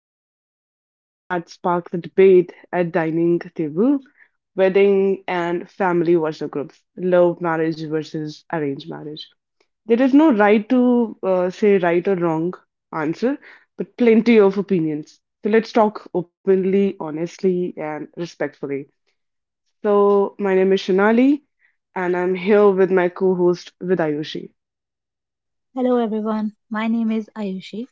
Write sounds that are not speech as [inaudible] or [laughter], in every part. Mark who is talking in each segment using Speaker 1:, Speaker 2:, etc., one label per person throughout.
Speaker 1: Into a topic that sparked the debate at dining table, wedding and family WhatsApp groups, love marriage versus arranged marriage. There is no right to say right or wrong answer, but plenty of opinions. So let's talk openly, honestly, and respectfully. So my name is Shanali, and I'm here with my co-host Vidayushi.
Speaker 2: Hello everyone, my name is Ayushi.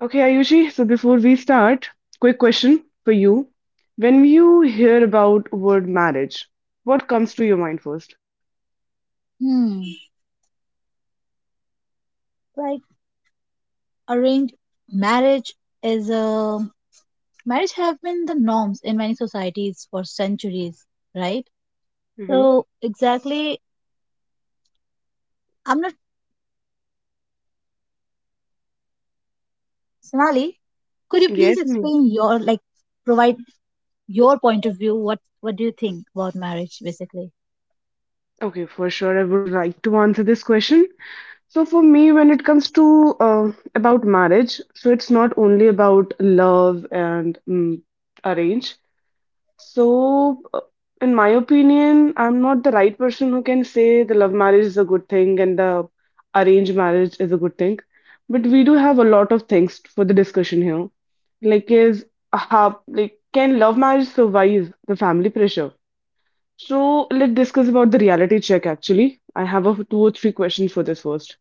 Speaker 1: Okay, Ayushi, so before we start, quick question for you. When you hear about word marriage, what comes to your mind 1st?
Speaker 2: Hmm, like arranged marriage is a marriage have been the norms in many societies for centuries, right?
Speaker 1: Mm-hmm.
Speaker 2: So exactly, I'm not Sonali. Could you please
Speaker 1: Yes, me.
Speaker 2: explain your like, provide your point of view? What do you think about marriage basically?
Speaker 1: Okay, for sure, I would like to answer this question. So for me, when it comes to about marriage, so it's not only about love and arrange. So, in my opinion, I'm not the right person who can say the love marriage is a good thing and the arranged marriage is a good thing. But we do have a lot of things for the discussion here. Like, is how, like, can love marriage survive the family pressure? So, let's discuss about the reality check actually. I have a two or three questions for this first.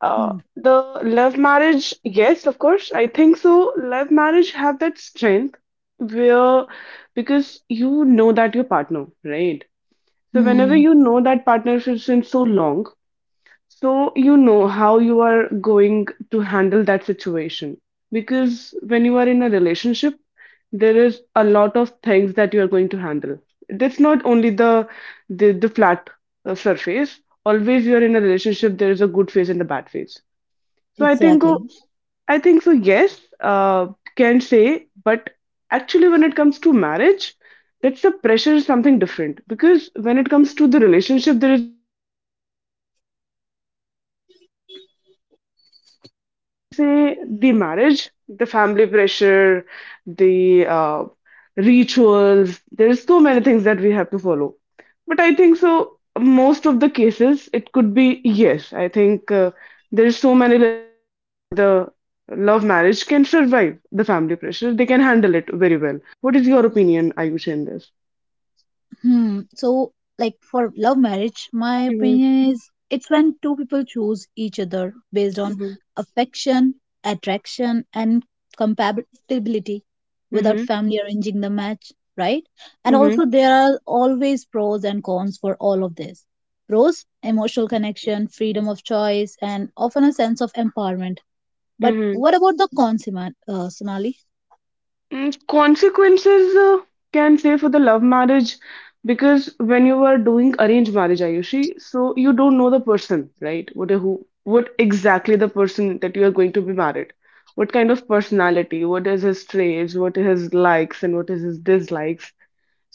Speaker 1: Uh,
Speaker 2: Hmm.
Speaker 1: the love marriage, yes, of course, I think so. Love marriage have that strength where because you know that your partner, right? So whenever
Speaker 2: Hmm.
Speaker 1: you know that partner since so long, so you know how you are going to handle that situation. Because when you are in a relationship, there is a lot of things that you are going to handle. That's not only the the flat surface. Always you are in a relationship, there is a good phase and a bad phase. So
Speaker 2: Exactly.
Speaker 1: I think so, yes, can say, but actually, when it comes to marriage, that's the pressure is something different because when it comes to the relationship, there is say the marriage, the family pressure, the rituals. There's so many things that we have to follow. But I think so, most of the cases, it could be yes. I think there's so many relationship about the love marriage can survive the family pressure. They can handle it very well. What is your opinion, Ayush, in this?
Speaker 2: Hmm. Like for love marriage, my
Speaker 1: Mm-hmm.
Speaker 2: opinion is it's when two people choose each other based on
Speaker 1: Mm-hmm.
Speaker 2: affection, attraction, and compatibility without family arranging the match, right? And
Speaker 1: Mm-hmm.
Speaker 2: also, there are always pros and cons for all of this. Pros, emotional connection, freedom of choice, and often a sense of empowerment. But
Speaker 1: Mm-hmm.
Speaker 2: what about the cons, Sonali?
Speaker 1: Consequences can say for the love marriage because when you are doing arranged marriage, ayushi, so you don't know the person, right? What a- who what exactly the person that you are going to be married, what kind of personality, what is his traits, what is his likes and what is his dislikes?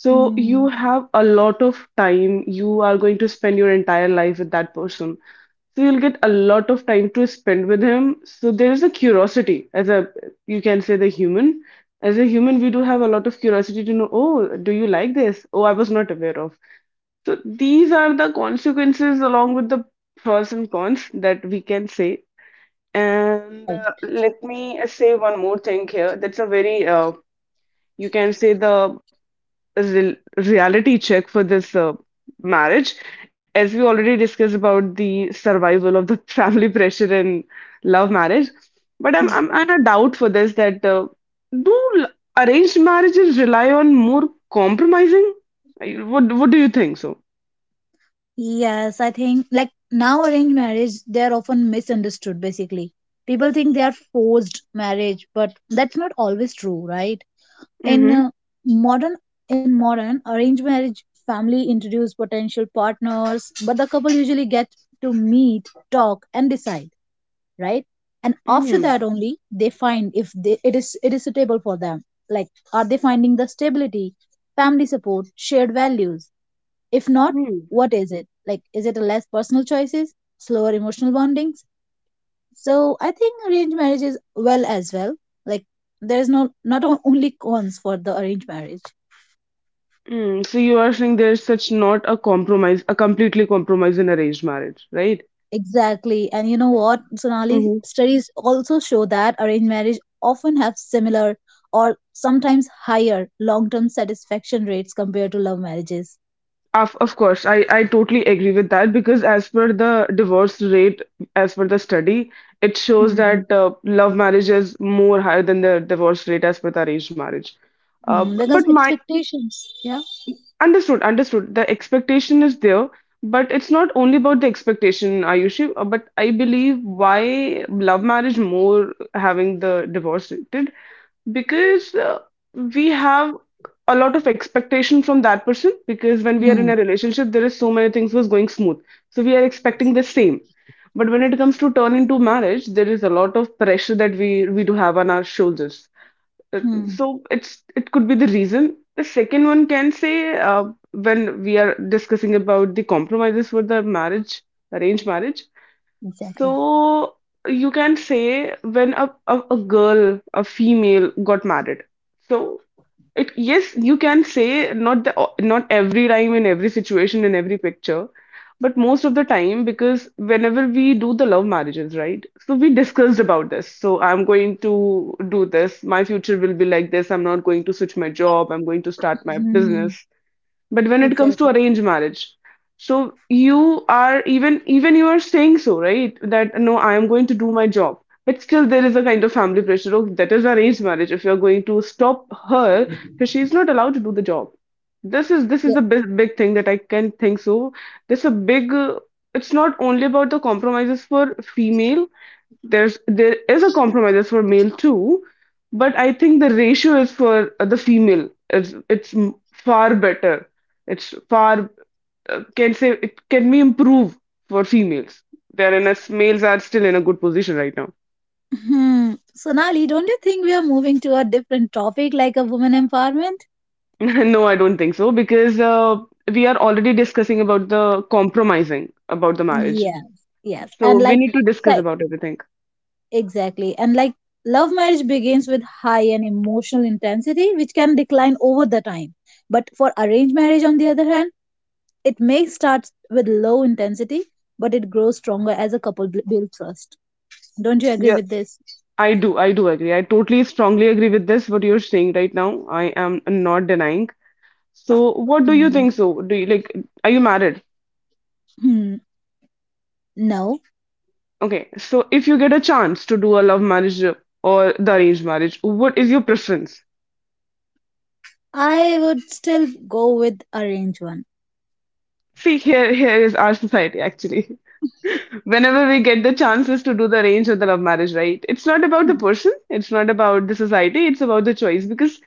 Speaker 1: So you
Speaker 2: Hmm.
Speaker 1: have a lot of time, you are going to spend your entire life with that person, so you'll get a lot of time to spend with him. So there is a curiosity as a, you can say the human. As a human, we do have a lot of curiosity to know, oh, do you like this? Oh, I was not aware of. So these are the consequences along with the pros and cons that we can say. And
Speaker 2: Right.
Speaker 1: let me say one more thing here. That's a very, you can say the re reality check for this marriage, as we already discussed about the survival of the [laughs] family pressure in love marriage. But I'm in a doubt for this that do l- arranged marriages rely on more compromising? What do you think so?
Speaker 2: Yes, I think like now arranged marriage, they're often misunderstood basically. People think they are forced marriage, but that's not always true, right? In
Speaker 1: Mm-hmm.
Speaker 2: uh, modern in modern arranged marriage, family introduce potential partners, but the couple usually get to meet, talk and decide, right? And after
Speaker 1: Mm,
Speaker 2: that only they find if it is suitable for them. Like are they finding the stability, family support, shared values? If not,
Speaker 1: mm,
Speaker 2: what is it? Like, is it a less personal choices, slower emotional bondings? So I think arranged marriage is well as well. Like, there's no not on- only cons for the arranged marriage.
Speaker 1: mm. So you are saying there's such not a compromise, a completely compromise in arranged marriage, right?
Speaker 2: Exactly. And you know what, Sonali? Studies also show that arranged marriage often have similar or sometimes higher long-term satisfaction rates compared to love marriages.
Speaker 1: Of course, I totally agree with that because as per the divorce rate, as per the study, it shows
Speaker 2: Hmm.
Speaker 1: that love marriage is more higher than the divorce rate as per the arranged marriage.
Speaker 2: Hmm. Because
Speaker 1: But my
Speaker 2: expectations, yeah.
Speaker 1: understood. The expectation is there, but it's not only about the expectation, Ayushi. But I believe why love marriage more having the divorce rate because we have a lot of expectation from that person because when we are in
Speaker 2: Hmm.
Speaker 1: a relationship there is so many things was going smooth so we are expecting the same, but when it comes to turn into marriage there is a lot of pressure that we do have on our shoulders. Uh,
Speaker 2: Hmm.
Speaker 1: so it's, it could be the reason. The second one can say, uh, when we are discussing about the compromises for the marriage, arranged marriage,
Speaker 2: Exactly.
Speaker 1: so you can say when a girl, a female got married. So it, yes, you can say not the, not every time, in every situation, in every picture, but most of the time because whenever we do the love marriages, right? So we discussed about this. So I'm going to do this. My future will be like this. I'm not going to switch my job. I'm going to start my
Speaker 2: Hmm.
Speaker 1: business. But when it comes to
Speaker 2: Exactly.
Speaker 1: arranged marriage, so you are even you are saying so, right? That no, I am going to do my job. But still there is a kind of family pressure. Oh, that is arranged marriage. If you're going to stop her, so she's not allowed to do the job. This is the big thing that I can think so. This is a big it's not only about the compromises for female, there is a compromise that's for male too, but I think the ratio is for the female. It's far better. It's far can say it can be improved for females. They're in a, males are still in a good position right now.
Speaker 2: Hmm. Sonali, don't you think we are moving to a different topic like a woman empowerment?
Speaker 1: [laughs] No, I don't think so because we are already discussing about the compromising about the marriage.
Speaker 2: Yes, yes.
Speaker 1: So
Speaker 2: And
Speaker 1: we
Speaker 2: like
Speaker 1: need to discuss
Speaker 2: sex,
Speaker 1: about everything.
Speaker 2: exactly. And like love marriage begins with high and emotional intensity, which can decline over the time. But for arranged marriage, on the other hand, it may start with low intensity, but it grows stronger as a couple build trust. Don't you agree
Speaker 1: Yeah,
Speaker 2: with this?
Speaker 1: I do. I do agree. I totally strongly agree with this, what you're saying right now. I am not denying. So, what do you
Speaker 2: Hmm.
Speaker 1: think? So, do you like, are you married?
Speaker 2: Hmm. No,
Speaker 1: Okay, so if you get a chance to do a love marriage or the arranged marriage, what is your preference?
Speaker 2: I would still go with arranged one.
Speaker 1: See, here, here is our society actually. [laughs] Whenever we get the chances to do the arranged or the love marriage, right? It's not about the
Speaker 2: Hmm.
Speaker 1: person, it's not about the society, it's about the choice because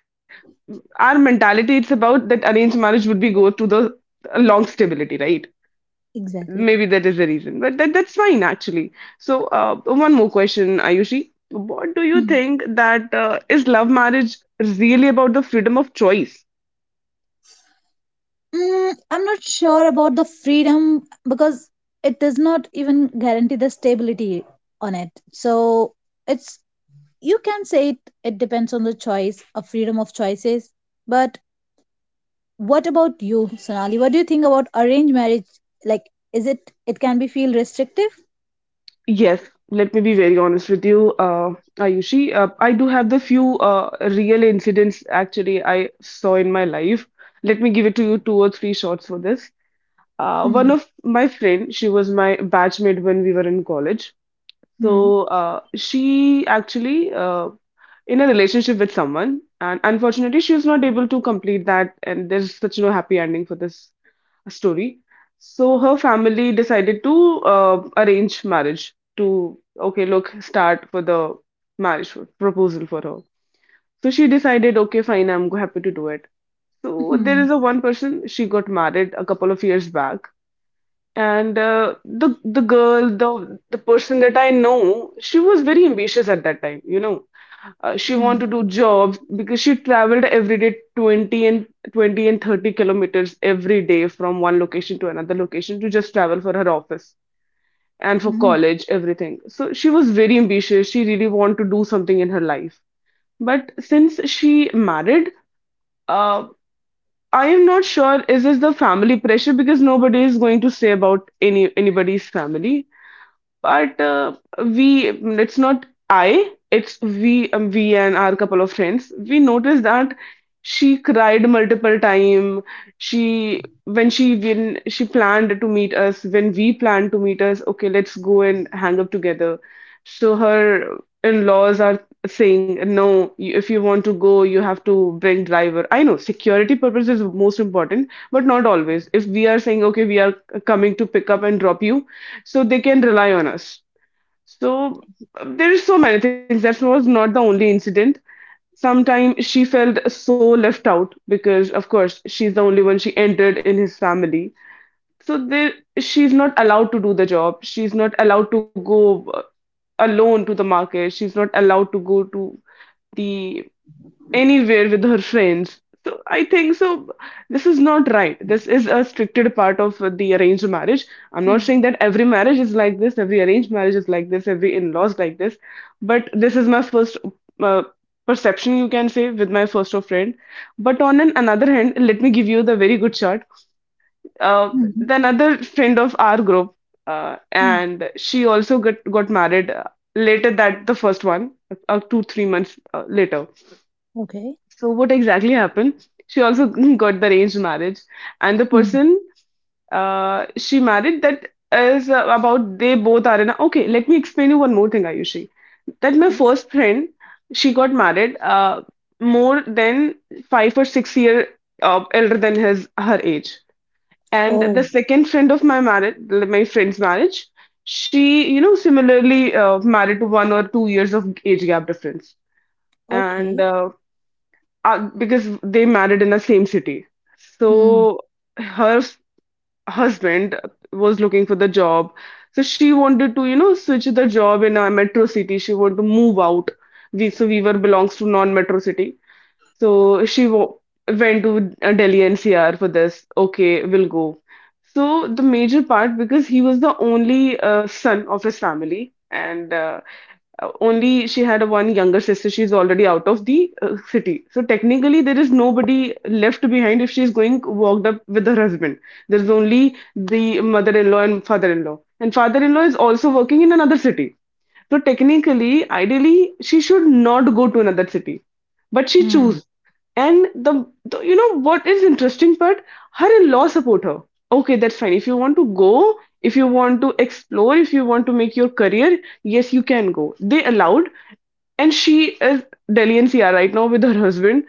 Speaker 1: our mentality, it's about that arranged marriage would be go to the long stability, right?
Speaker 2: Exactly.
Speaker 1: Maybe that is the reason, but that's fine actually. So, one more question, Ayushi. What do you
Speaker 2: Hmm.
Speaker 1: think that is love marriage really about the freedom of choice?
Speaker 2: I'm not sure about the freedom because it does not even guarantee the stability on it. So it's you can say it depends on the choice, a freedom of choices. But what about you, Sonali? What do you think about arranged marriage? Like, is it can be feel restrictive?
Speaker 1: Yes, let me be very honest with you, Ayushi. I do have the few real incidents actually I saw in my life. Let me give it to you two or three shots for this. One
Speaker 2: Hmm.
Speaker 1: of my friend, she was my batchmate when we were in college.
Speaker 2: Hmm.
Speaker 1: So she actually in a relationship with someone, and unfortunately, she was not able to complete that, and there's such no happy ending for this story. So her family decided to arrange marriage to, okay, look, start for the marriage for- proposal for her. So she decided, okay, fine, I'm happy to do it. So there is
Speaker 2: Hmm.
Speaker 1: a one person, she got married a couple of years back, and the girl, the the person that I know, she was very ambitious at that time, you know. She
Speaker 2: Hmm.
Speaker 1: wanted to do jobs because she traveled every day 20 and 20 and 30 kilometers every day from one location to another location to just travel for her office and for
Speaker 2: Hmm.
Speaker 1: college, everything. So she was very ambitious. She really wanted to do something in her life. But since she married, uh, I am not sure is this the family pressure because nobody is going to say about any anybody's family. But we, it's not I, it's we and our couple of friends. We noticed that she cried multiple time. She, when she, when she planned to meet us, when we planned to meet us, okay, let's go and hang up together. So her in-laws are saying, no, if you want to go, you have to bring driver. I know security purpose is most important, but not always. If we are saying, okay, we are coming to pick up and drop you, so they can rely on us. So there is so many things. That was not the only incident. Sometimes she felt so left out because, of course, she's the only one, she entered in his family. So there, she's not allowed to do the job. She's not allowed to go alone to the market. She's not allowed to go to the anywhere with her friends. So I think so. This is not right. This is a restricted part of the arranged marriage. I'm not
Speaker 2: Hmm.
Speaker 1: saying that every marriage is like this, every arranged marriage is like this, every in-laws like this, but this is my first uh, perception, you can say, with my first of friend. But on an another hand, let me give you the very good shot. Uh,
Speaker 2: Hmm.
Speaker 1: the another friend of our group,
Speaker 2: Hmm.
Speaker 1: and she also got married later that the first one, 2 3 months later.
Speaker 2: Okay.
Speaker 1: So what exactly happened? She also [laughs] got the arranged marriage, and the
Speaker 2: Hmm.
Speaker 1: person she married that is about they both are in a, okay. Let me explain you one more thing, Ayushi. That my
Speaker 2: Yes.
Speaker 1: first friend, she got married more than 5 or 6 year elder than his her age, and the
Speaker 2: Oh.
Speaker 1: second friend of my marriage, my friend's marriage, she similarly married to 1 or 2 years of age gap difference and
Speaker 2: Okay.
Speaker 1: because they married in the same city.
Speaker 2: Hmm.
Speaker 1: So her husband was looking for the job. So she wanted to, you know, switch the job in a metro city. She wanted to move out. We were belongs to non-metro city. So she w went to Delhi NCR for this. Okay, we'll go. So the major part because he was the only son of his family and only she had a one younger sister. She's already out of the city. So technically, there is nobody left behind if she's going walked up with her husband. There's only the mother-in-law and father-in-law. And father-in-law is also working in another city. So technically, ideally, she should not go to another city. But she
Speaker 2: Hmm.
Speaker 1: chose. And the you know what is interesting part, her in-law support her. Okay, that's fine. If you want to go, if you want to explore, if you want to make your career, yes, you can go. They allowed, and she is Delhi NCR right now with her husband.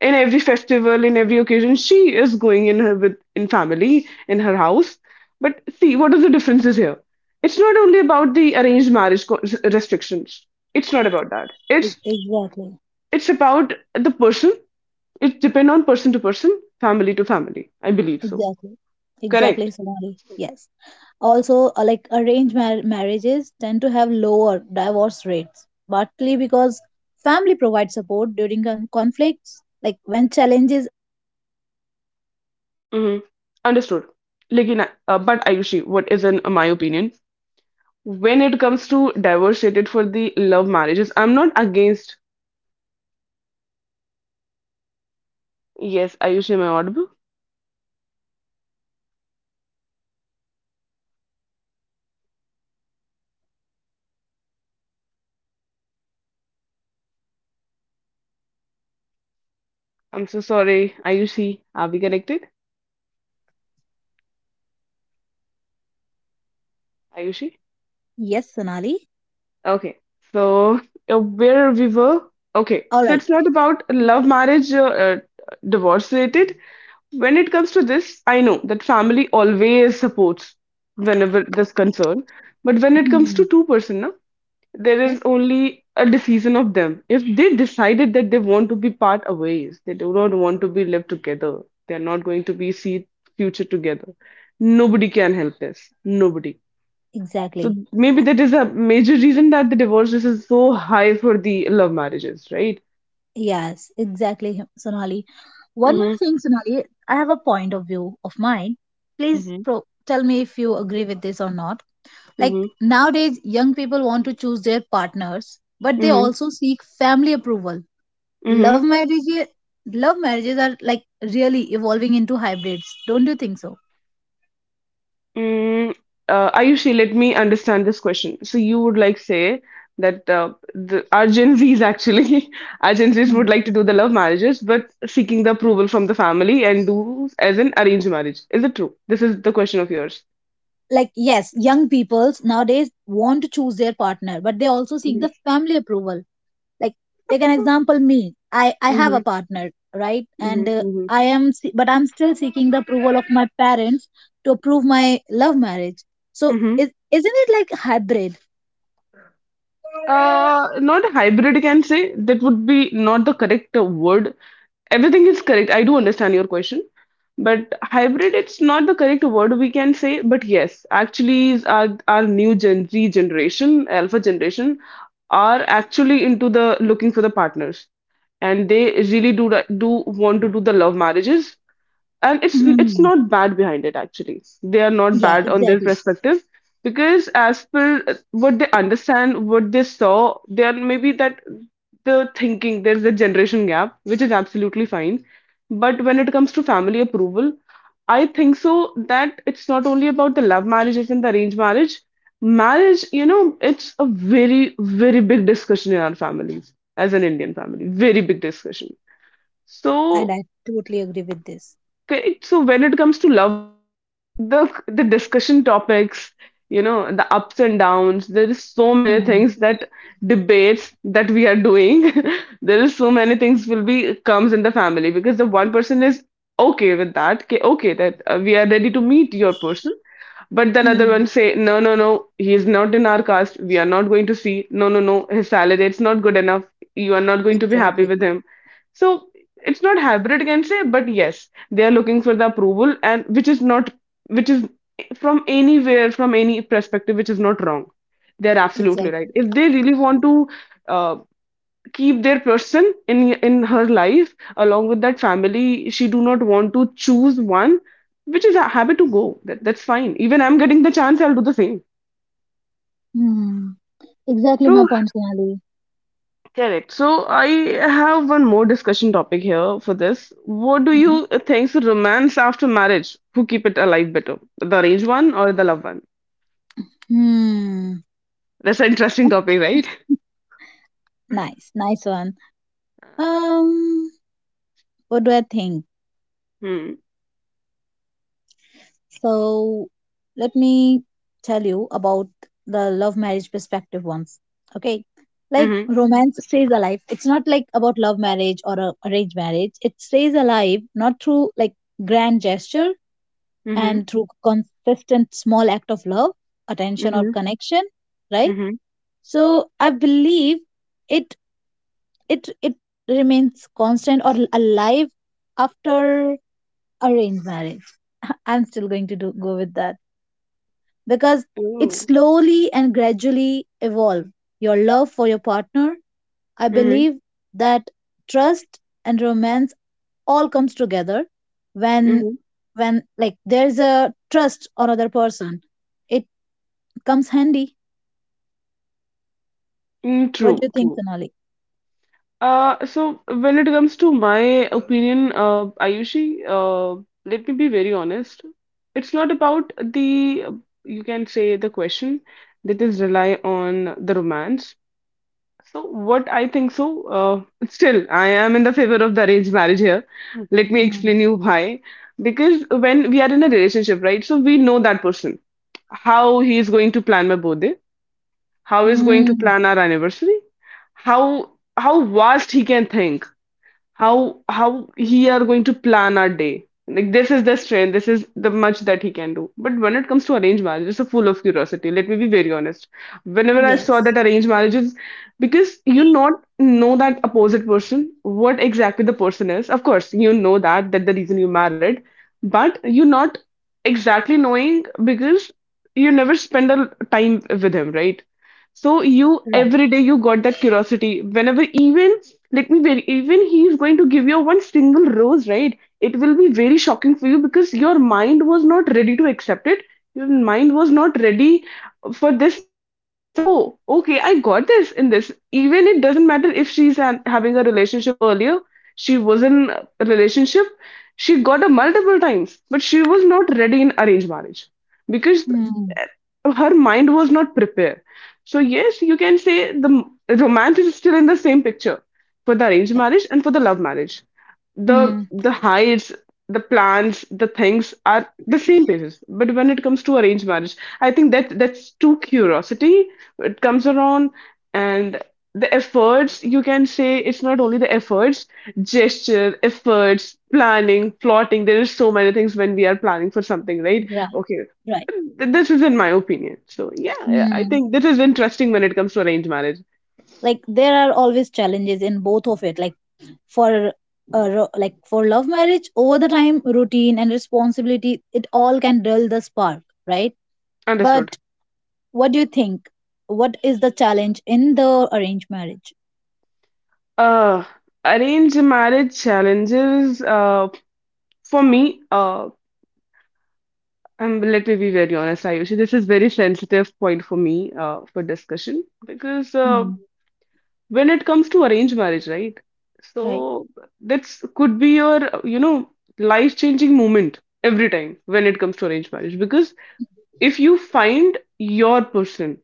Speaker 1: In every festival, in every occasion, she is going in her with in family in her house. But see, what are the differences here? It's not only about the arranged marriage restrictions. It's not about that. It's
Speaker 2: Exactly.
Speaker 1: it's about the person it depends on person to person, family to family. I believe so.
Speaker 2: Exactly. Exactly,
Speaker 1: Correct.
Speaker 2: Sonali. Yes. Also, like arranged marriages tend to have lower divorce rates, partly because family provides support during conflicts. Like when challenges arise, couples don't face them alone.
Speaker 1: Mm-hmm.
Speaker 2: They have a
Speaker 1: Understood.
Speaker 2: safety net.
Speaker 1: Lekin, but
Speaker 2: Along with
Speaker 1: Ayushi, what
Speaker 2: this,
Speaker 1: is in my
Speaker 2: Sonali,
Speaker 1: opinion,
Speaker 2: could you please tell me
Speaker 1: when
Speaker 2: if
Speaker 1: it
Speaker 2: you
Speaker 1: comes
Speaker 2: agree
Speaker 1: to
Speaker 2: with this
Speaker 1: divorce rated for
Speaker 2: point
Speaker 1: the
Speaker 2: or
Speaker 1: love
Speaker 2: not?
Speaker 1: marriages, I'm not against.
Speaker 2: Um, nowadays, young people want to choose their
Speaker 1: Yes,
Speaker 2: partner,
Speaker 1: Ayushi, am I
Speaker 2: but
Speaker 1: audible?
Speaker 2: they also seek family approval like love marriage are evolving into hybrid. Do you agree with this?
Speaker 1: I'm so sorry. Ayushi, are we connected? Ayushi?
Speaker 2: Yes, Sonali.
Speaker 1: Okay. So, where we were? Okay.
Speaker 2: All
Speaker 1: So,
Speaker 2: right.
Speaker 1: it's not
Speaker 2: [laughs]
Speaker 1: about love marriage divorce rated. When it comes to this, I know that family always supports whenever there's concern. But when it comes to
Speaker 2: Hmm.
Speaker 1: two person, na, there
Speaker 2: Yeah,
Speaker 1: is only a decision of them. If they decided that they want to be part ways, they do not want to be lived together, they are not going to be see future together. Nobody can help this. Nobody. So
Speaker 2: exactly.
Speaker 1: maybe that is a major reason that the divorce rate is so high for the love marriages, right?
Speaker 2: Yes, exactly, Sonali. One
Speaker 1: Mm-hmm.
Speaker 2: more thing, Sonali. I have a point of view of mine. Please
Speaker 1: Mm-hmm.
Speaker 2: tell me if you agree with this or not. Like
Speaker 1: Mm-hmm.
Speaker 2: nowadays, young people want to choose their partners, but they also seek family approval.
Speaker 1: Mm-hmm.
Speaker 2: Love marriages, love marriages are like really evolving into hybrids. Don't you think so?
Speaker 1: Mm, Ayushi, let me understand this question. So you would like say that our Gen Zs actually, [laughs] our Gen Zs would
Speaker 2: Hmm.
Speaker 1: like to do the love marriages, but seeking the approval from the family and do as an arranged marriage. Is it true? This is the question of yours.
Speaker 2: Like, yes, young peoples nowadays want to choose their partner, but they also seek the
Speaker 1: Mm-hmm.
Speaker 2: family approval. Like, take an example me, I have a
Speaker 1: Mm-hmm.
Speaker 2: partner, right? And
Speaker 1: Mm-hmm.
Speaker 2: I am se- but I'm still seeking the approval of my parents to approve my love marriage. So
Speaker 1: Mm-hmm.
Speaker 2: isn't it like hybrid?
Speaker 1: Not a hybrid, I can say. That would be not the correct word. Everything is correct. I do understand your question. But hybrid, it's not the correct word we can say. But yes, actually, is our new Gen Z generation, Alpha generation, are actually into the looking for the partners, and they really do want to do the love marriages, and it's
Speaker 2: Hmm.
Speaker 1: not bad behind it, actually they are not
Speaker 2: Yeah,
Speaker 1: bad on their
Speaker 2: exactly,
Speaker 1: perspective because as per what they understand what they saw they are maybe that the thinking there's a generation gap which is absolutely fine but when it comes to family approval I think so that it's not only about the love marriages and the arranged marriage, you know, it's a very very big discussion in our families as an Indian family, very big discussion. So
Speaker 2: and I totally agree with this.
Speaker 1: correct. So when it comes to love marriage, the discussion topics, you know, the ups and downs, there is so many
Speaker 2: Hmm.
Speaker 1: things that debates that we are doing. [laughs] There is so many things will be comes in the family because the one person is okay with that. Okay, okay that we are ready to meet your person, but then other
Speaker 2: Hmm.
Speaker 1: ones say, no, no, no, he is not in our caste. We are not going to see. No, no, no, his salary it's not good enough. You are not going to be happy
Speaker 2: Exactly.
Speaker 1: with him. So it's not hybrid, you can say, but yes, they are looking for the approval, and which is not, which is from anywhere, from any perspective, which is not wrong. They are absolutely right.
Speaker 2: Exactly.
Speaker 1: If they really want to uh, keep their person in her life along with that family, she do not want to choose one which is happy to go, that, that's fine. Even I'm getting the chance, I'll do the same.
Speaker 2: Hmm. Exactly my
Speaker 1: True.
Speaker 2: point, Sonali.
Speaker 1: Correct. So I have one more discussion topic here for this. What do you
Speaker 2: Hmm.
Speaker 1: think so, romance after marriage, who keep it alive better, the arranged one or the love one? That's an interesting
Speaker 2: Hmm.
Speaker 1: topic, right?
Speaker 2: Nice, nice one. Um, what do I think?
Speaker 1: Hmm.
Speaker 2: So, let me tell you about the love marriage perspective once. Okay, like
Speaker 1: Mm-hmm.
Speaker 2: romance stays alive. It's not like about love marriage or a arranged marriage. It stays alive not through like grand gesture and
Speaker 1: Mm-hmm.
Speaker 2: through consistent small act of love, attention or
Speaker 1: Mm-hmm.
Speaker 2: connection, right?
Speaker 1: Mm-hmm.
Speaker 2: So I believe it it remains constant or alive after arranged marriage. [laughs] I'm still going to go with that because it
Speaker 1: True.
Speaker 2: slowly and gradually evolve your love for your partner. I
Speaker 1: Mm-hmm.
Speaker 2: believe that trust and romance all comes together when
Speaker 1: Mm-hmm.
Speaker 2: when like there's a trust on other person. It comes handy.
Speaker 1: Mm,
Speaker 2: What do
Speaker 1: true,
Speaker 2: you think,
Speaker 1: true.
Speaker 2: Sonali?
Speaker 1: So when it comes to my opinion, Ayushi, let me be very honest. It's not about you can say the question that is rely on the romance. So what I think so, [laughs] still I am in the favor of the arranged marriage here. Let me
Speaker 2: Hmm.
Speaker 1: explain you why. Because when we are in a relationship, right? So we know that person, how he is going to plan my birthday, how he is going to
Speaker 2: Hmm.
Speaker 1: plan our anniversary, how how vast he can think, how he are going to plan our day, like this is the strength, this is the much that he can do. But when it comes to arranged marriage, it's full of curiosity, let me be very honest. Whenever I saw
Speaker 2: Yes.
Speaker 1: that arranged marriages because you not know that opposite person what exactly the person is. Of course you know that that the reason you married, but you not exactly knowing because you never spend a time with him, right? So you
Speaker 2: Right.
Speaker 1: every day you got that curiosity. Whenever even let me very even he is going to give you one single rose, right? It will be very shocking for you because your mind was not ready to accept it. Your mind was not ready for this surprise. Oh, okay, I got this in this. Even it doesn't matter if she's an, having a relationship earlier. She was in a relationship. She got a multiple times, but she was not ready in arranged marriage because
Speaker 2: Hmm.
Speaker 1: her mind was not prepared. So, yes, you can say the romance is still in the same picture for the arranged
Speaker 2: Yeah.
Speaker 1: marriage and for the love marriage. The
Speaker 2: Hmm.
Speaker 1: the heights, the plans, the things are the same pages. But when it comes to arranged marriage, I think that that's too curiosity. It comes around, and the efforts, you can say it's not only the efforts, gesture, efforts, planning, plotting, there is so many things when we are planning for something, right?
Speaker 2: Right.
Speaker 1: Okay.
Speaker 2: Right.
Speaker 1: This is in my opinion. So yeah, yeah, I
Speaker 2: Hmm.
Speaker 1: think this is interesting when it comes to arranged marriage.
Speaker 2: Like there are always challenges in both of it. Like for like for love marriage over the time routine and responsibility it all can dull the spark, right?
Speaker 1: Understood.
Speaker 2: But what do you think, what is the challenge in the arranged marriage?
Speaker 1: Uh, arranged marriage challenges. For me, and let me be very honest, Ayushi, this is very sensitive point for me, for discussion because
Speaker 2: Mm,
Speaker 1: when it comes to arranged marriage, right?
Speaker 2: right.
Speaker 1: So that's could be your, you know, life-changing moment every time when it comes to arranged marriage. Because if you find your person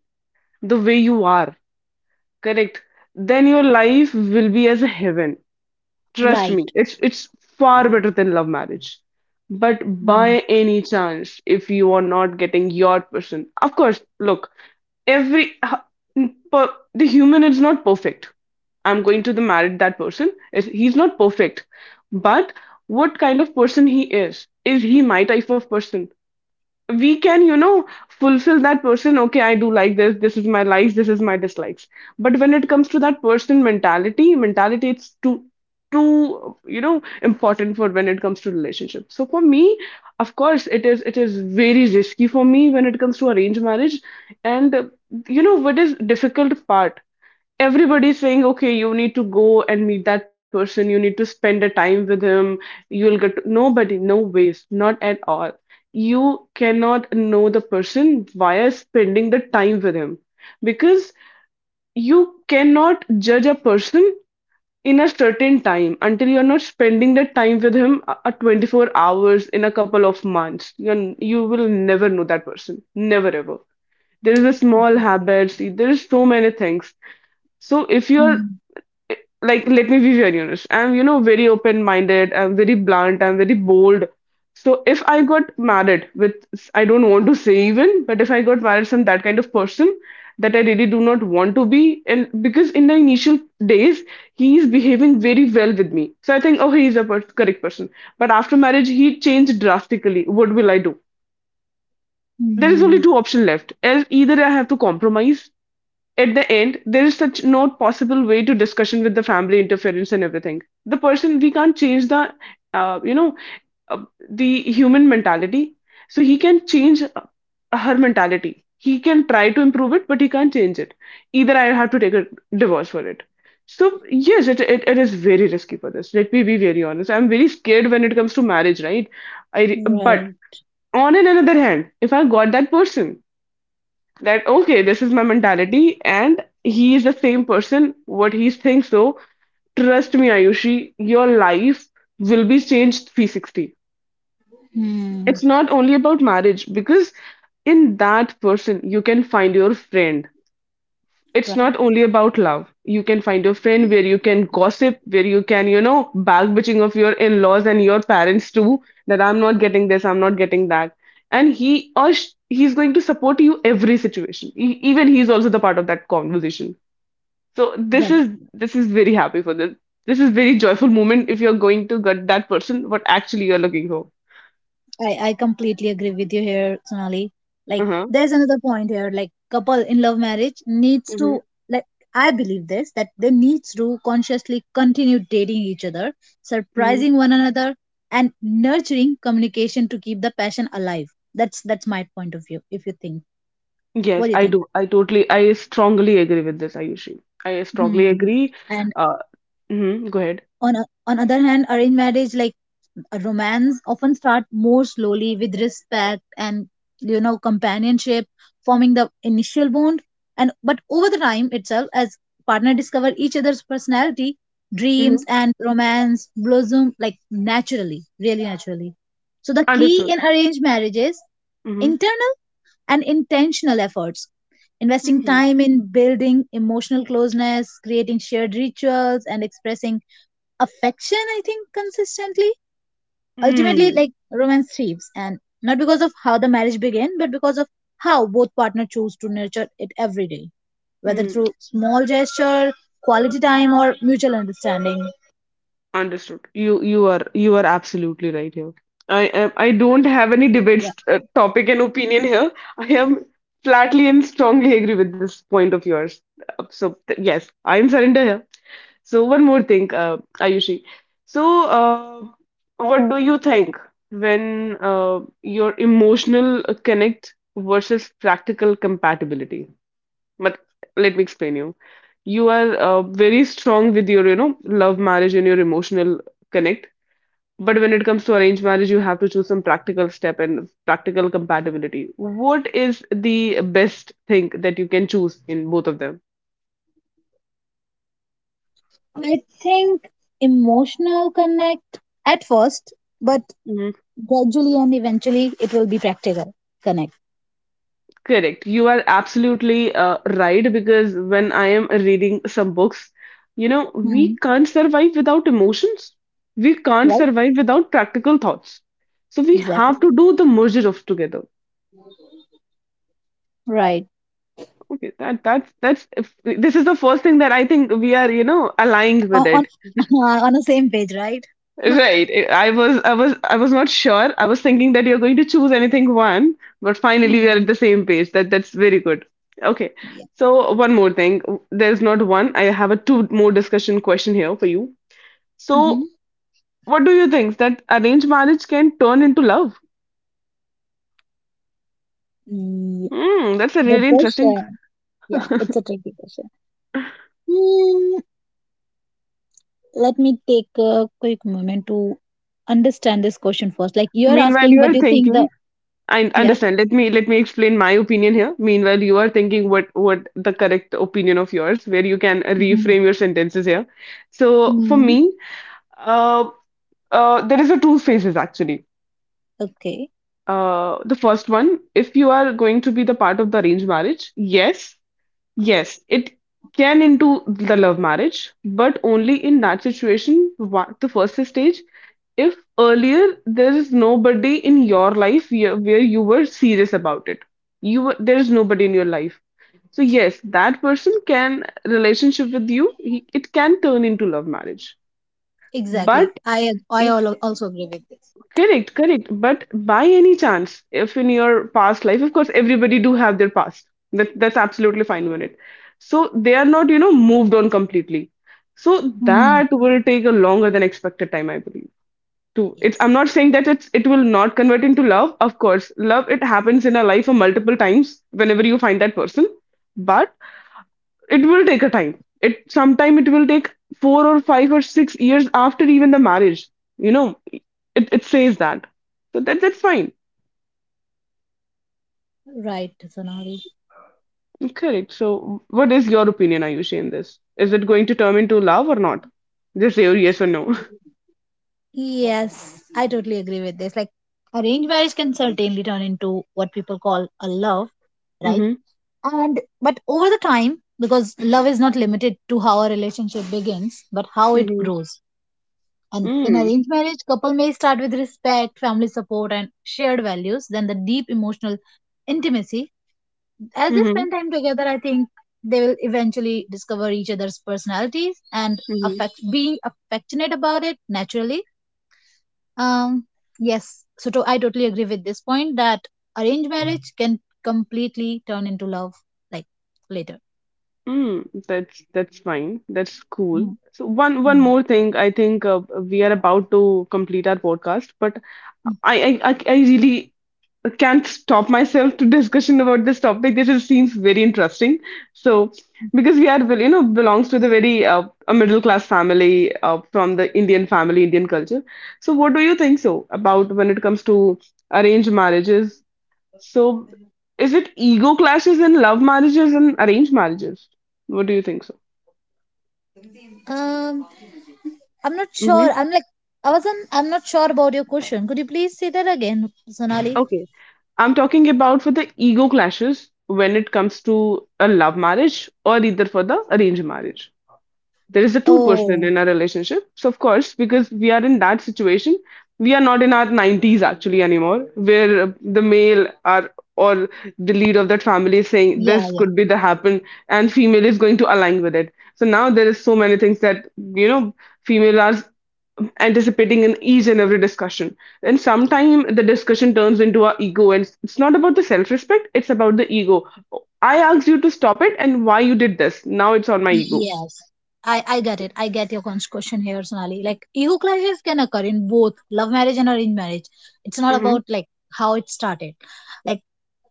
Speaker 1: the way you are, correct, then your life will be as a heaven. Trust me,
Speaker 2: Right.
Speaker 1: it's far better than love marriage. But
Speaker 2: Mm,
Speaker 1: by any chance, if you are not getting your person, of course, look, every ha- per, the human is not perfect. I'm going to the married that person. Is he's not perfect, but what kind of person he is? Is he my type of person? We can, you know, fulfill that person. Okay, I do like this is my likes, this is my dislikes. But when it comes to that person mentality, it's too you know important for when it comes to relationship. So for me, of course it is, very risky for me when it comes to arranged marriage. And you know what is difficult part, everybody's saying, okay, you need to go and meet that person, you need to spend a time with him, you'll get to... nobody, no ways, not at all. You cannot know the person via spending the time with him because you cannot judge a person in a certain time until you're not spending the time with him 24 hours in a couple of months. You will never know that person, never ever. There's the small
Speaker 2: exactly.
Speaker 1: habits, there's so many things. So if you're
Speaker 2: Mm,
Speaker 1: like, let me be very honest, I'm very open minded, I'm very blunt, I'm very bold. So if I got married with, I don't want to say even, but if I got married some that kind of person that I really do not want to be. And because in the initial days he is behaving very well with me, so I think, oh, he is a correct person, but after marriage he changed drastically, what will I do? There is only
Speaker 2: mm,
Speaker 1: two options left. Else either I have to compromise. At the end, there is such no possible way to discussion with the family interference and everything. The person we can't change the, uh, you know, uh, the human mentality. So he can change her mentality. He can try to improve it, but he can't change it. Either I have to take a divorce for it. So yes, it is very risky for this. Let me be very honest. I'm very scared when it comes to marriage, right? But
Speaker 2: right.
Speaker 1: on an another hand, if I got that person, that okay, this is my mentality, and he is the same person what he thinks, so trust me Ayushi, your life will be changed 360.
Speaker 2: Mm,
Speaker 1: It's not only about marriage, because in that person you can find your friend. It's
Speaker 2: right.
Speaker 1: not only about love. You can find a friend where you can gossip, where you can, you know, back bitching of your in laws and your parents too, that I'm not getting this, I'm not getting that. And he or he's going to support you every situation. Even he's also the part of that conversation. So this
Speaker 2: Right.
Speaker 1: is this is very happy for this. This is very joyful moment if you're going to get that person what actually you're looking for.
Speaker 2: I completely agree with you here, Sonali. Like,
Speaker 1: Uh-huh.
Speaker 2: there's another point here. Like, couple in love marriage needs
Speaker 1: Hmm.
Speaker 2: to, like, I believe this, that they needs to consciously continue dating each other,
Speaker 1: Hmm.
Speaker 2: surprising one another, and nurturing communication to keep the passion alive. That's my point of view. If you think, what
Speaker 1: Yes,
Speaker 2: do you
Speaker 1: I
Speaker 2: think?
Speaker 1: do. I totally, I strongly agree with this, Ayushi. I strongly
Speaker 2: Hmm.
Speaker 1: agree.
Speaker 2: And
Speaker 1: Uh, Mm-hmm. Go ahead.
Speaker 2: on on other hand, arranged marriage like a romance often start more slowly with respect and you know companionship forming the initial bond, and but over the time itself as partner discover each other's personality dreams
Speaker 1: Mm-hmm.
Speaker 2: and romance blossom like naturally, really naturally. So the key
Speaker 1: Understood.
Speaker 2: in arranged marriages,
Speaker 1: Mm-hmm.
Speaker 2: internal and intentional efforts, investing
Speaker 1: Mm-hmm.
Speaker 2: time in building emotional closeness, creating shared rituals and expressing affection I think consistently. Ultimately,
Speaker 1: Mm.
Speaker 2: like romance thrives and not because of how the marriage began, but because of how both partners choose to nurture it every day, whether
Speaker 1: Mm.
Speaker 2: through small gesture, quality time or mutual understanding.
Speaker 1: Understood. You are absolutely right here. I don't have any debates
Speaker 2: Yeah,
Speaker 1: topic and opinion here. I am flatly and strongly agree with this point of yours. So yes, I am surrender here. So one more thing, Ayushi. So uh, what do you think when your emotional connect versus practical compatibility? But let me explain you. You are very strong with your, you know, love marriage and your emotional connect. But when it comes to arranged marriage, you have to choose some practical step and practical compatibility. What is the best thing that you can choose in both of them?
Speaker 2: I think emotional connect at first, but
Speaker 1: Mhm.
Speaker 2: gradually and eventually it will be practical connect.
Speaker 1: Correct. You are absolutely right, because when I am reading some books, you know,
Speaker 2: Hmm.
Speaker 1: we can't survive without emotions. We can't
Speaker 2: Right.
Speaker 1: survive without practical thoughts. So we
Speaker 2: Exactly.
Speaker 1: have to do the merger of together.
Speaker 2: Right.
Speaker 1: Okay, that's if, this is the first thing that I think we are, you know, aligned with
Speaker 2: On
Speaker 1: it.
Speaker 2: [laughs] on the same page, right. [laughs]
Speaker 1: Right. I was not sure. I was thinking that you're going to choose anything one, but finally we are
Speaker 2: Hmm.
Speaker 1: at the same page. That that's very good. Okay.
Speaker 2: Yeah.
Speaker 1: So one more thing. There's not one. I have a two more discussion question here for you. So
Speaker 2: Hmm.
Speaker 1: what do you think that arranged marriage can turn into love?
Speaker 2: Yeah.
Speaker 1: Hmm, that's a really
Speaker 2: The
Speaker 1: interesting.
Speaker 2: pressure. Yeah, it's a tricky question. Hmm, let me take a quick moment to understand this question first. Like you're
Speaker 1: Meanwhile,
Speaker 2: asking,
Speaker 1: you
Speaker 2: what
Speaker 1: are
Speaker 2: do you think the
Speaker 1: thinking I
Speaker 2: yeah?
Speaker 1: understand. Let me explain my opinion here. Meanwhile, you are thinking what the correct opinion of yours, where you can
Speaker 2: Mhm.
Speaker 1: reframe your sentences here. So for
Speaker 2: Hmm.
Speaker 1: me, uh, there is a two phases actually.
Speaker 2: Okay.
Speaker 1: The first one, if you are going to be the part of the arranged marriage, yes, yes, it can into the love marriage, but only in that situation, the first stage, if earlier there is nobody in your life where you were serious about it, you were, there is nobody in your life. So yes, that person can relationship with you. He, it can turn into love marriage. But
Speaker 2: Exactly. I I
Speaker 1: if
Speaker 2: al- also agree with this.
Speaker 1: correct, correct. But by any chance, if in your past life, of course, everybody do have their past. That that's absolutely fine with it. So they are not, you know, moved on completely. So
Speaker 2: Hmm.
Speaker 1: that will take a longer than expected time, I believe. Too. It's, I'm
Speaker 2: Yes.
Speaker 1: not saying that it's it will not convert into love. Of course, love it happens in a life multiple times whenever you find that person, but it will take a time. It sometime it will take 4 or 5 or 6 years after even the marriage. You know, it says that. So that that's fine.
Speaker 2: Right, Sonali.
Speaker 1: Correct. So what is your opinion, Ayushi, in this? Is it going to turn into love or not? Just say your yes or no. [laughs]
Speaker 2: Yes, I totally agree with this. Like arranged marriage can certainly turn into what people call a love, right?
Speaker 1: Mm-hmm.
Speaker 2: And but over the time, because love is not limited to how a relationship begins, but how it
Speaker 1: Mm-hmm.
Speaker 2: grows. And in
Speaker 1: Mm-hmm.
Speaker 2: arranged marriage, couple may start with respect, family support, and shared values, then the deep emotional intimacy. As they spend time together, I think they will eventually discover each other's personalities and
Speaker 1: Mm-hmm.
Speaker 2: affect being affectionate about it naturally. Um, yes, I totally agree with this point that arranged marriage can completely turn into love like later.
Speaker 1: Mm, that's fine. That's cool.
Speaker 2: Mm,
Speaker 1: So one
Speaker 2: mm,
Speaker 1: more thing, I think we are about to complete our podcast, but I really can't stop myself to discussion about this topic. This is, seems very interesting. So
Speaker 2: mm.
Speaker 1: because we are, well, you know, belongs to the very a middle class family from the Indian family, Indian culture. So what do you think so about when it comes to arranged marriages? So, is it ego clashes in love marriages and arranged marriages? What do you think so?
Speaker 2: Um, I'm not
Speaker 1: Mm-hmm.
Speaker 2: sure. I'm like, I'm not sure about your question. Could you please say that again, Sonali?
Speaker 1: Okay. I'm talking about for the ego clashes when it comes to a love marriage or either for the arranged marriage. There is a two person
Speaker 2: Oh,
Speaker 1: in our relationship. So of course, because we are in that situation, we are not in our 90s actually anymore, where the male are or the lead of that family is saying
Speaker 2: yeah,
Speaker 1: this
Speaker 2: yeah.
Speaker 1: could be the happen, and female is going to align with it. So now there is so many things that you know female are anticipating in each and every discussion. And sometimes the discussion turns into our ego, and it's not about the self respect; it's about the ego. I asked you to stop it, and why you did this? Now it's on my ego.
Speaker 2: Yes. I get it. I get your question here, Sonali. Like, ego clashes can occur in both love marriage and arranged marriage. It's not about, like, how it started. Like,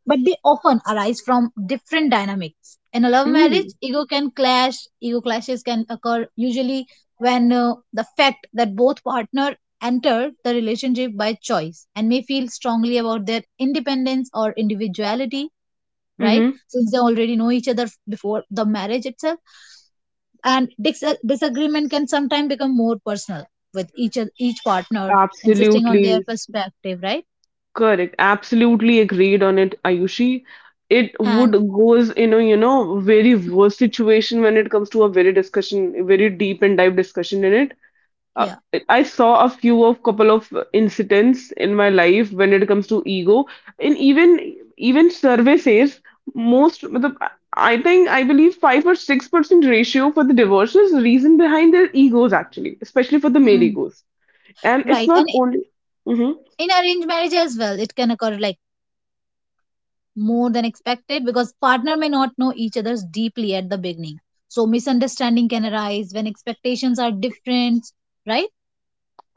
Speaker 2: but they often arise from different dynamics. In a love marriage,
Speaker 1: Mm.
Speaker 2: ego can clash. Ego clashes can occur usually when the fact that both partner enter the relationship by choice and may feel strongly about their independence or individuality, right?
Speaker 1: Hmm.
Speaker 2: Since they already know each other before the marriage itself, and disagreement can sometimes become more personal with each partner insisting on their
Speaker 1: Absolutely
Speaker 2: perspective, right?
Speaker 1: correct. Absolutely agreed on it, Ayushi. It would
Speaker 2: And
Speaker 1: goes in a, you know, very worst situation when it comes to a very discussion, very deep and dive discussion in it. Uh,
Speaker 2: yeah.
Speaker 1: I saw a few of couple of incidents in my life when it comes to ego, and even survey says most. Matlab, I think I believe 5 or 6 percent ratio for the divorces reason behind their egos actually, especially for the male
Speaker 2: Hmm.
Speaker 1: egos. And it's
Speaker 2: Right. And
Speaker 1: not only. Mhm.
Speaker 2: in arranged marriage as well it can occur like more than expected because partner may not know each other's deeply at the beginning, so misunderstanding can arise when expectations are different, right?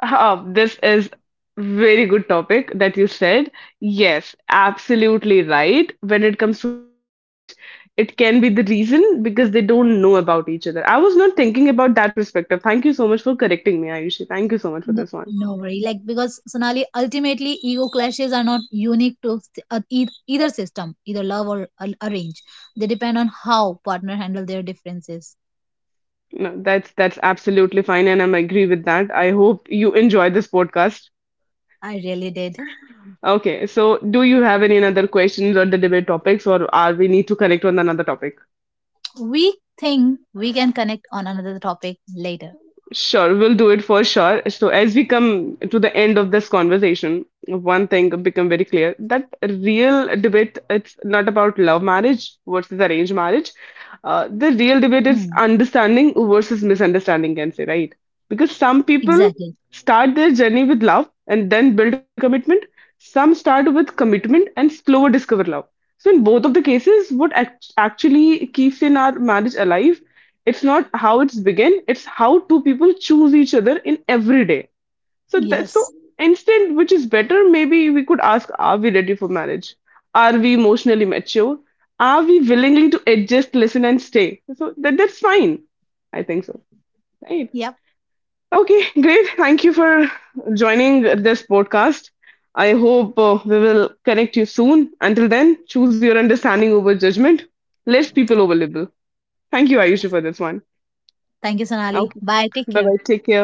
Speaker 1: Ah, this is very good topic that you said. Yes, absolutely right. When it comes to arranged marriage, it can be the reason because they don't know about each other. I was not thinking about that perspective. Thank you so much for correcting me, Ayushi. Thank you so much for
Speaker 2: No,
Speaker 1: this one.
Speaker 2: no worry, like because Sonali ultimately ego clashes are not unique to eith- either system, either love or arrange. They depend on how partner handle their differences.
Speaker 1: No, that's absolutely fine, and I'm agree with that. I hope you enjoy this podcast.
Speaker 2: I really did.
Speaker 1: Okay, so do you have any other questions on the debate topics, or are we need to connect on another topic?
Speaker 2: We think we can connect on another topic later.
Speaker 1: Sure, we'll do it for sure. So, as we come to the end of this conversation, one thing become very clear that real debate it's not about love marriage versus arranged marriage.
Speaker 2: Hmm.
Speaker 1: The real debate is understanding versus misunderstanding, can say, right? Because some
Speaker 2: Exactly.
Speaker 1: people start their journey with love and then build commitment. Some start with commitment and slower discover love. So, in both of the cases, what actually keeps in our marriage alive, it's not how it's begin, it's how two people choose each other in every day. So that's
Speaker 2: Yes.
Speaker 1: so instant, which is better. Maybe we could ask, are we ready for marriage? Are we emotionally mature? Are we willingly to adjust, listen, and stay? So that, that's fine. I think so. Right.
Speaker 2: Yep.
Speaker 1: Okay, [laughs] great. Thank you for joining this podcast. I hope we will connect you soon. Until then, choose your understanding over judgment. Let people over label. Thank you, Ayushi, for this one.
Speaker 2: Thank you,
Speaker 1: Okay.
Speaker 2: Sonali. Bye. Take
Speaker 1: Bye bye.
Speaker 2: care.
Speaker 1: Take care.